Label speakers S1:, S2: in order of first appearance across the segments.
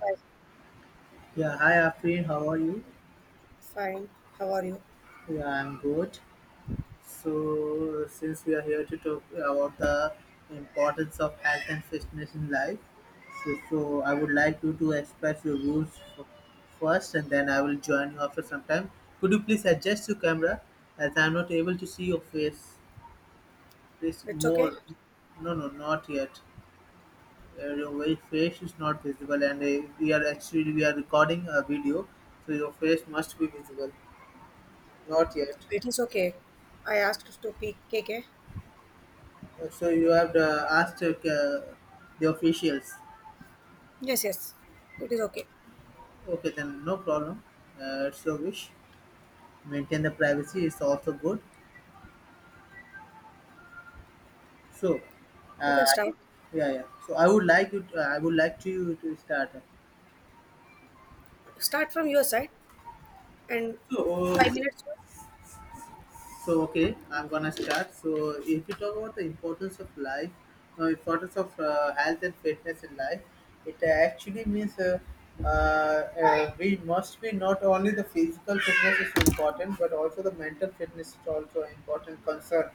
S1: Hi,
S2: Yeah, hi Afreen, how are you?
S1: fine. How are you?
S2: Yeah, I'm good. So, since we are here to talk about the importance of health and fitness in life, so I would like you to express your rules first and then I will join you after some time. Could you please adjust your camera as I'm not able to see your face? Please,
S1: It's okay.
S2: more. No, no, not yet. Your face is not visible, and we are recording a video, so your face must be visible. Not yet.
S1: It is okay. I asked to pick KK.
S2: So you have asked the officials.
S1: Yes, yes. It is okay.
S2: Okay, then no problem. It's your wish. Maintain the privacy is also good. So,
S1: You
S2: uh,
S1: can start.
S2: yeah, yeah. So I would like you. To, I would like to you to start.
S1: Start from your side and
S2: So uh,
S1: 5 minutes.
S2: So okay, I'm gonna start. So if we talk about the importance of life, importance of health and fitness in life, it actually means we must be not only the physical fitness is important, but also the mental fitness is also important concern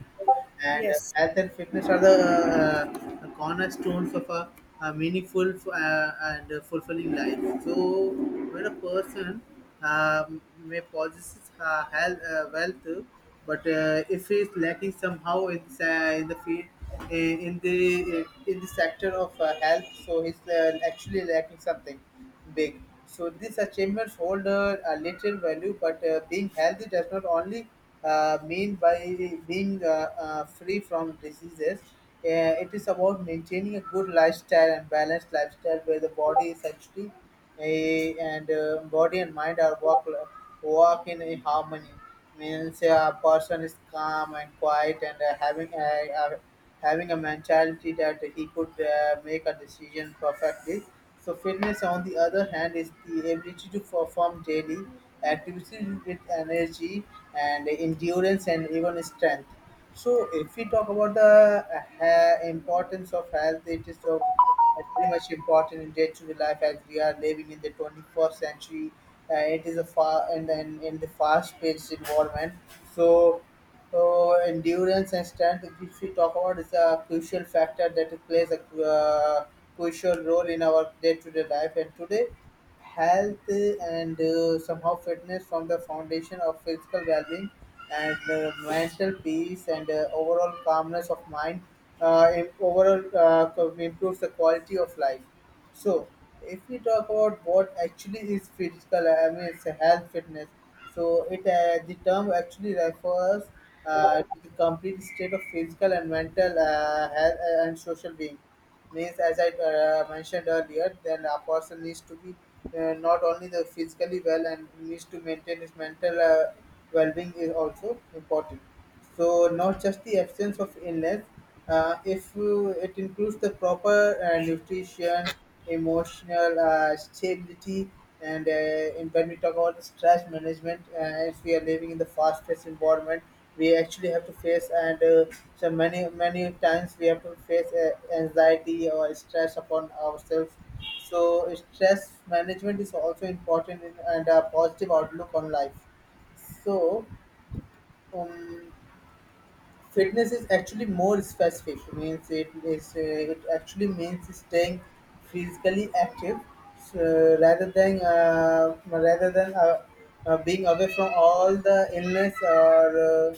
S2: and
S1: Yes,
S2: health and fitness are the cornerstones of a meaningful and fulfilling life. So, when a person may possess health, wealth, but if he is lacking somehow in, this, in the field, in the sector of health, so he's actually lacking something big. So these achievements hold a little value, but being healthy does not only mean by being free from diseases. It is about maintaining a good lifestyle and balanced lifestyle where the body is actually and body and mind are walk in a harmony. Means a person is calm and quiet and having a having a mentality that he could make a decision perfectly. So fitness, on the other hand, is the ability to perform daily activities with energy and endurance and even strength. So if we talk about the importance of health, it is so very much important in day-to-day life as we are living in the 21st century. It is a far and in the fast-paced environment. So so endurance and strength, which we talk about, is a crucial factor that plays a crucial role in our day-to-day life. And today, health and somehow fitness from the foundation of physical well-being and mental peace and overall calmness of mind. Overall, improves the quality of life. So, if we talk about what actually is physical, I mean, it's a health fitness. So, it the term actually refers to the complete state of physical and mental health and social being. Means, as I mentioned earlier, then a person needs to be not only the physically well and needs to maintain his mental well-being is also important. So not just the absence of illness, if you, it includes the proper nutrition, emotional stability, and when we talk about stress management, as we are living in the fast-paced environment, we actually have to face and so many many times we have to face anxiety or stress upon ourselves. So stress management is also important in, and a positive outlook on life. So, um, Fitness is actually more specific means it actually means staying physically active, so rather than being away from all the illness or uh,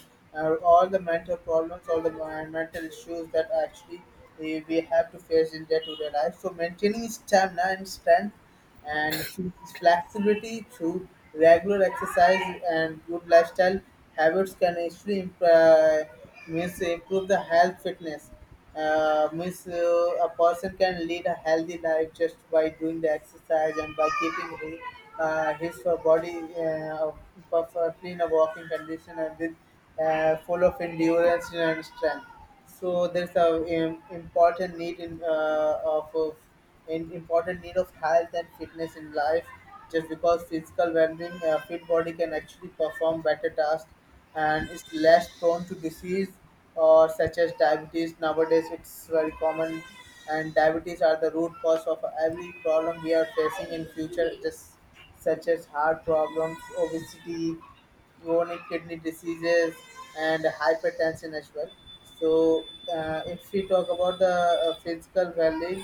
S2: or all the mental problems, all the mental issues that actually we have to face in day-to-day life. So maintaining stamina and strength and flexibility through regular exercise and good lifestyle habits can actually means improve the health fitness. Means a person can lead a healthy life just by doing the exercise and by keeping his body perfectly in a walking condition and with full of endurance and strength. So there's a important need in of in important need of health and fitness in life just because physical well-being, a fit body can actually perform better tasks and is less prone to disease or such as diabetes, nowadays it's very common, and diabetes are the root cause of every problem we are facing in future, just such as heart problems, obesity, chronic kidney diseases, and hypertension as well. So, if we talk about the physical well-being,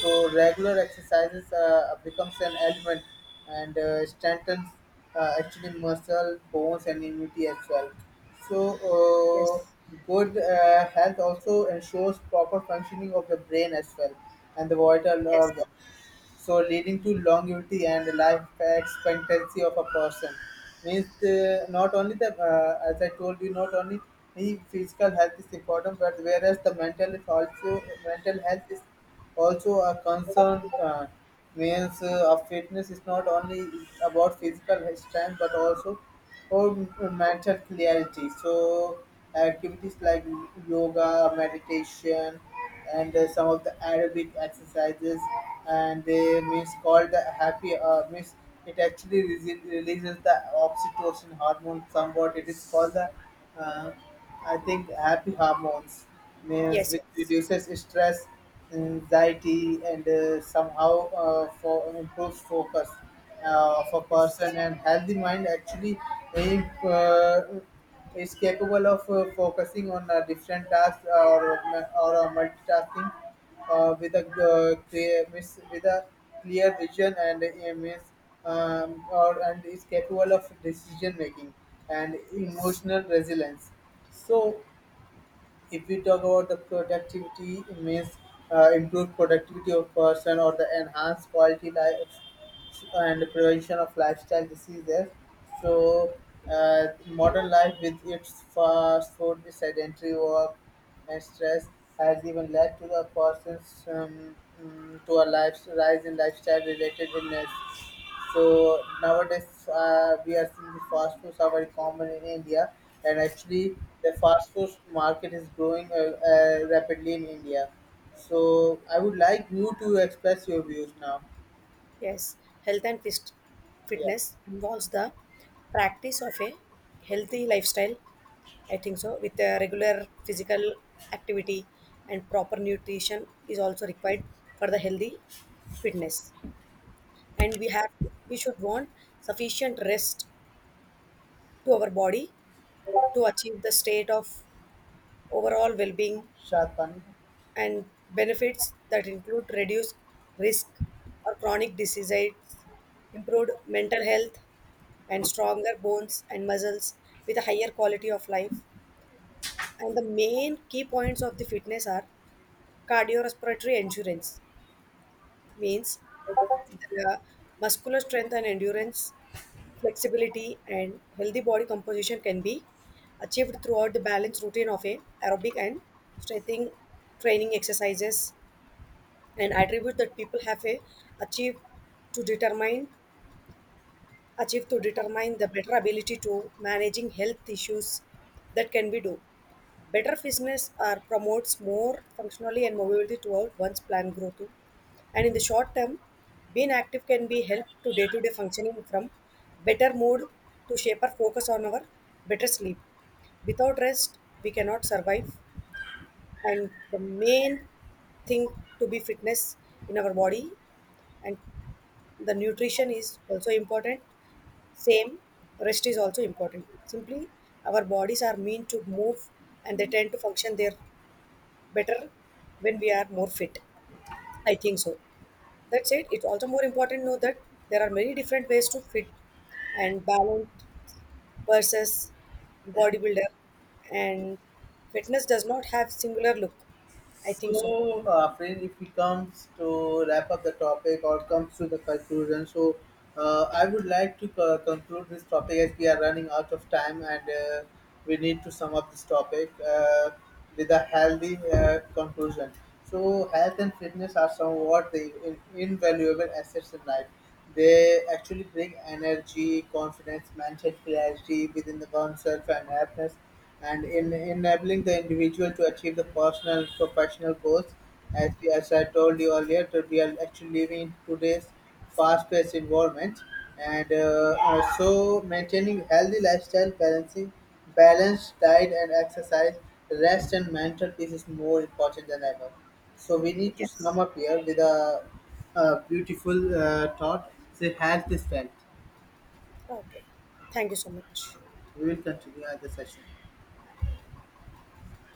S2: so regular exercises becomes an element and strengthens actually muscle, bones, and immunity as well. So,
S1: yes,
S2: good health also ensures proper functioning of the brain as well and the vital
S1: yes,
S2: organs,
S1: yes,
S2: so leading to longevity and life expectancy of a person. Means not only the as I told you, not only the physical health is important, but whereas the mental is also, mental health is also a concern. Means of fitness is not only about physical strength but also or mental clarity. So activities like yoga, meditation, and some of the Arabic exercises, and they means called the happy means it actually releases the oxytocin hormone somewhat. It is called the uh, I think happy hormones means
S1: yes,
S2: which reduces stress, anxiety, and somehow for improves focus of a person.
S1: yes,
S2: And healthy mind actually, if, is capable of focusing on a different tasks or a multitasking with a clear with a clear vision and aims, or and is capable of decision making and
S1: yes,
S2: emotional resilience. So if we talk about the productivity, it means improved productivity of person or the enhanced quality life and prevention of lifestyle diseases. So modern life, with its fast food, sedentary work and stress, has even led to a person's to a life, rise in lifestyle related illness. So nowadays we are seeing the fast foods are very common in India, and actually the fast food market is growing rapidly in India. So I would like you to express your views now.
S1: yes. Health and
S2: Yeah,
S1: fitness involves the practice of a healthy lifestyle, I think so. With regular physical activity and proper nutrition is also required for the healthy fitness. And we should want sufficient rest to our body to achieve the state of overall well-being
S2: Shad Pani.
S1: and benefits that include reduced risk or chronic diseases, improved mental health, and stronger bones and muscles with a higher quality of life. And the main key points of the fitness are cardiorespiratory endurance means the muscular strength and endurance, flexibility, and healthy body composition can be achieved throughout the balanced routine of a aerobic and strengthening training exercises and attribute that people have a achieve to determine the better ability to managing health issues that can be do. Better fitness are promotes more functionality and mobility throughout one's plan growth too. And in the short term, being active can be help to day-to-day functioning from better mood to shape our focus on our better sleep. Without rest, we cannot survive. And the main thing to be fitness in our body and the nutrition is also important. Same, rest is also important. Simply, our bodies are meant to move and they tend to function their better when we are more fit. I think so. That said, it's also more important to know that there are many different ways to fit and balance versus bodybuilder and fitness does not have singular look. I think so.
S2: So, friend, if we comes to wrap up the topic or comes to the conclusion, so I would like to conclude this topic as we are running out of time, and we need to sum up this topic with a healthy conclusion. So, health and fitness are somewhat the invaluable assets in life. They actually bring energy, confidence, mental clarity within the oneself, and happiness and in enabling the individual to achieve the personal professional goals. As I told you earlier, that we are actually living in today's fast-paced environment, and so maintaining healthy lifestyle, balancing balanced diet and exercise, rest and mental peace is more important than ever. So we need to sum
S1: Yes.
S2: up here with a beautiful thought: "Say health is wealth."
S1: Okay. Thank you so much.
S2: We will continue at the session.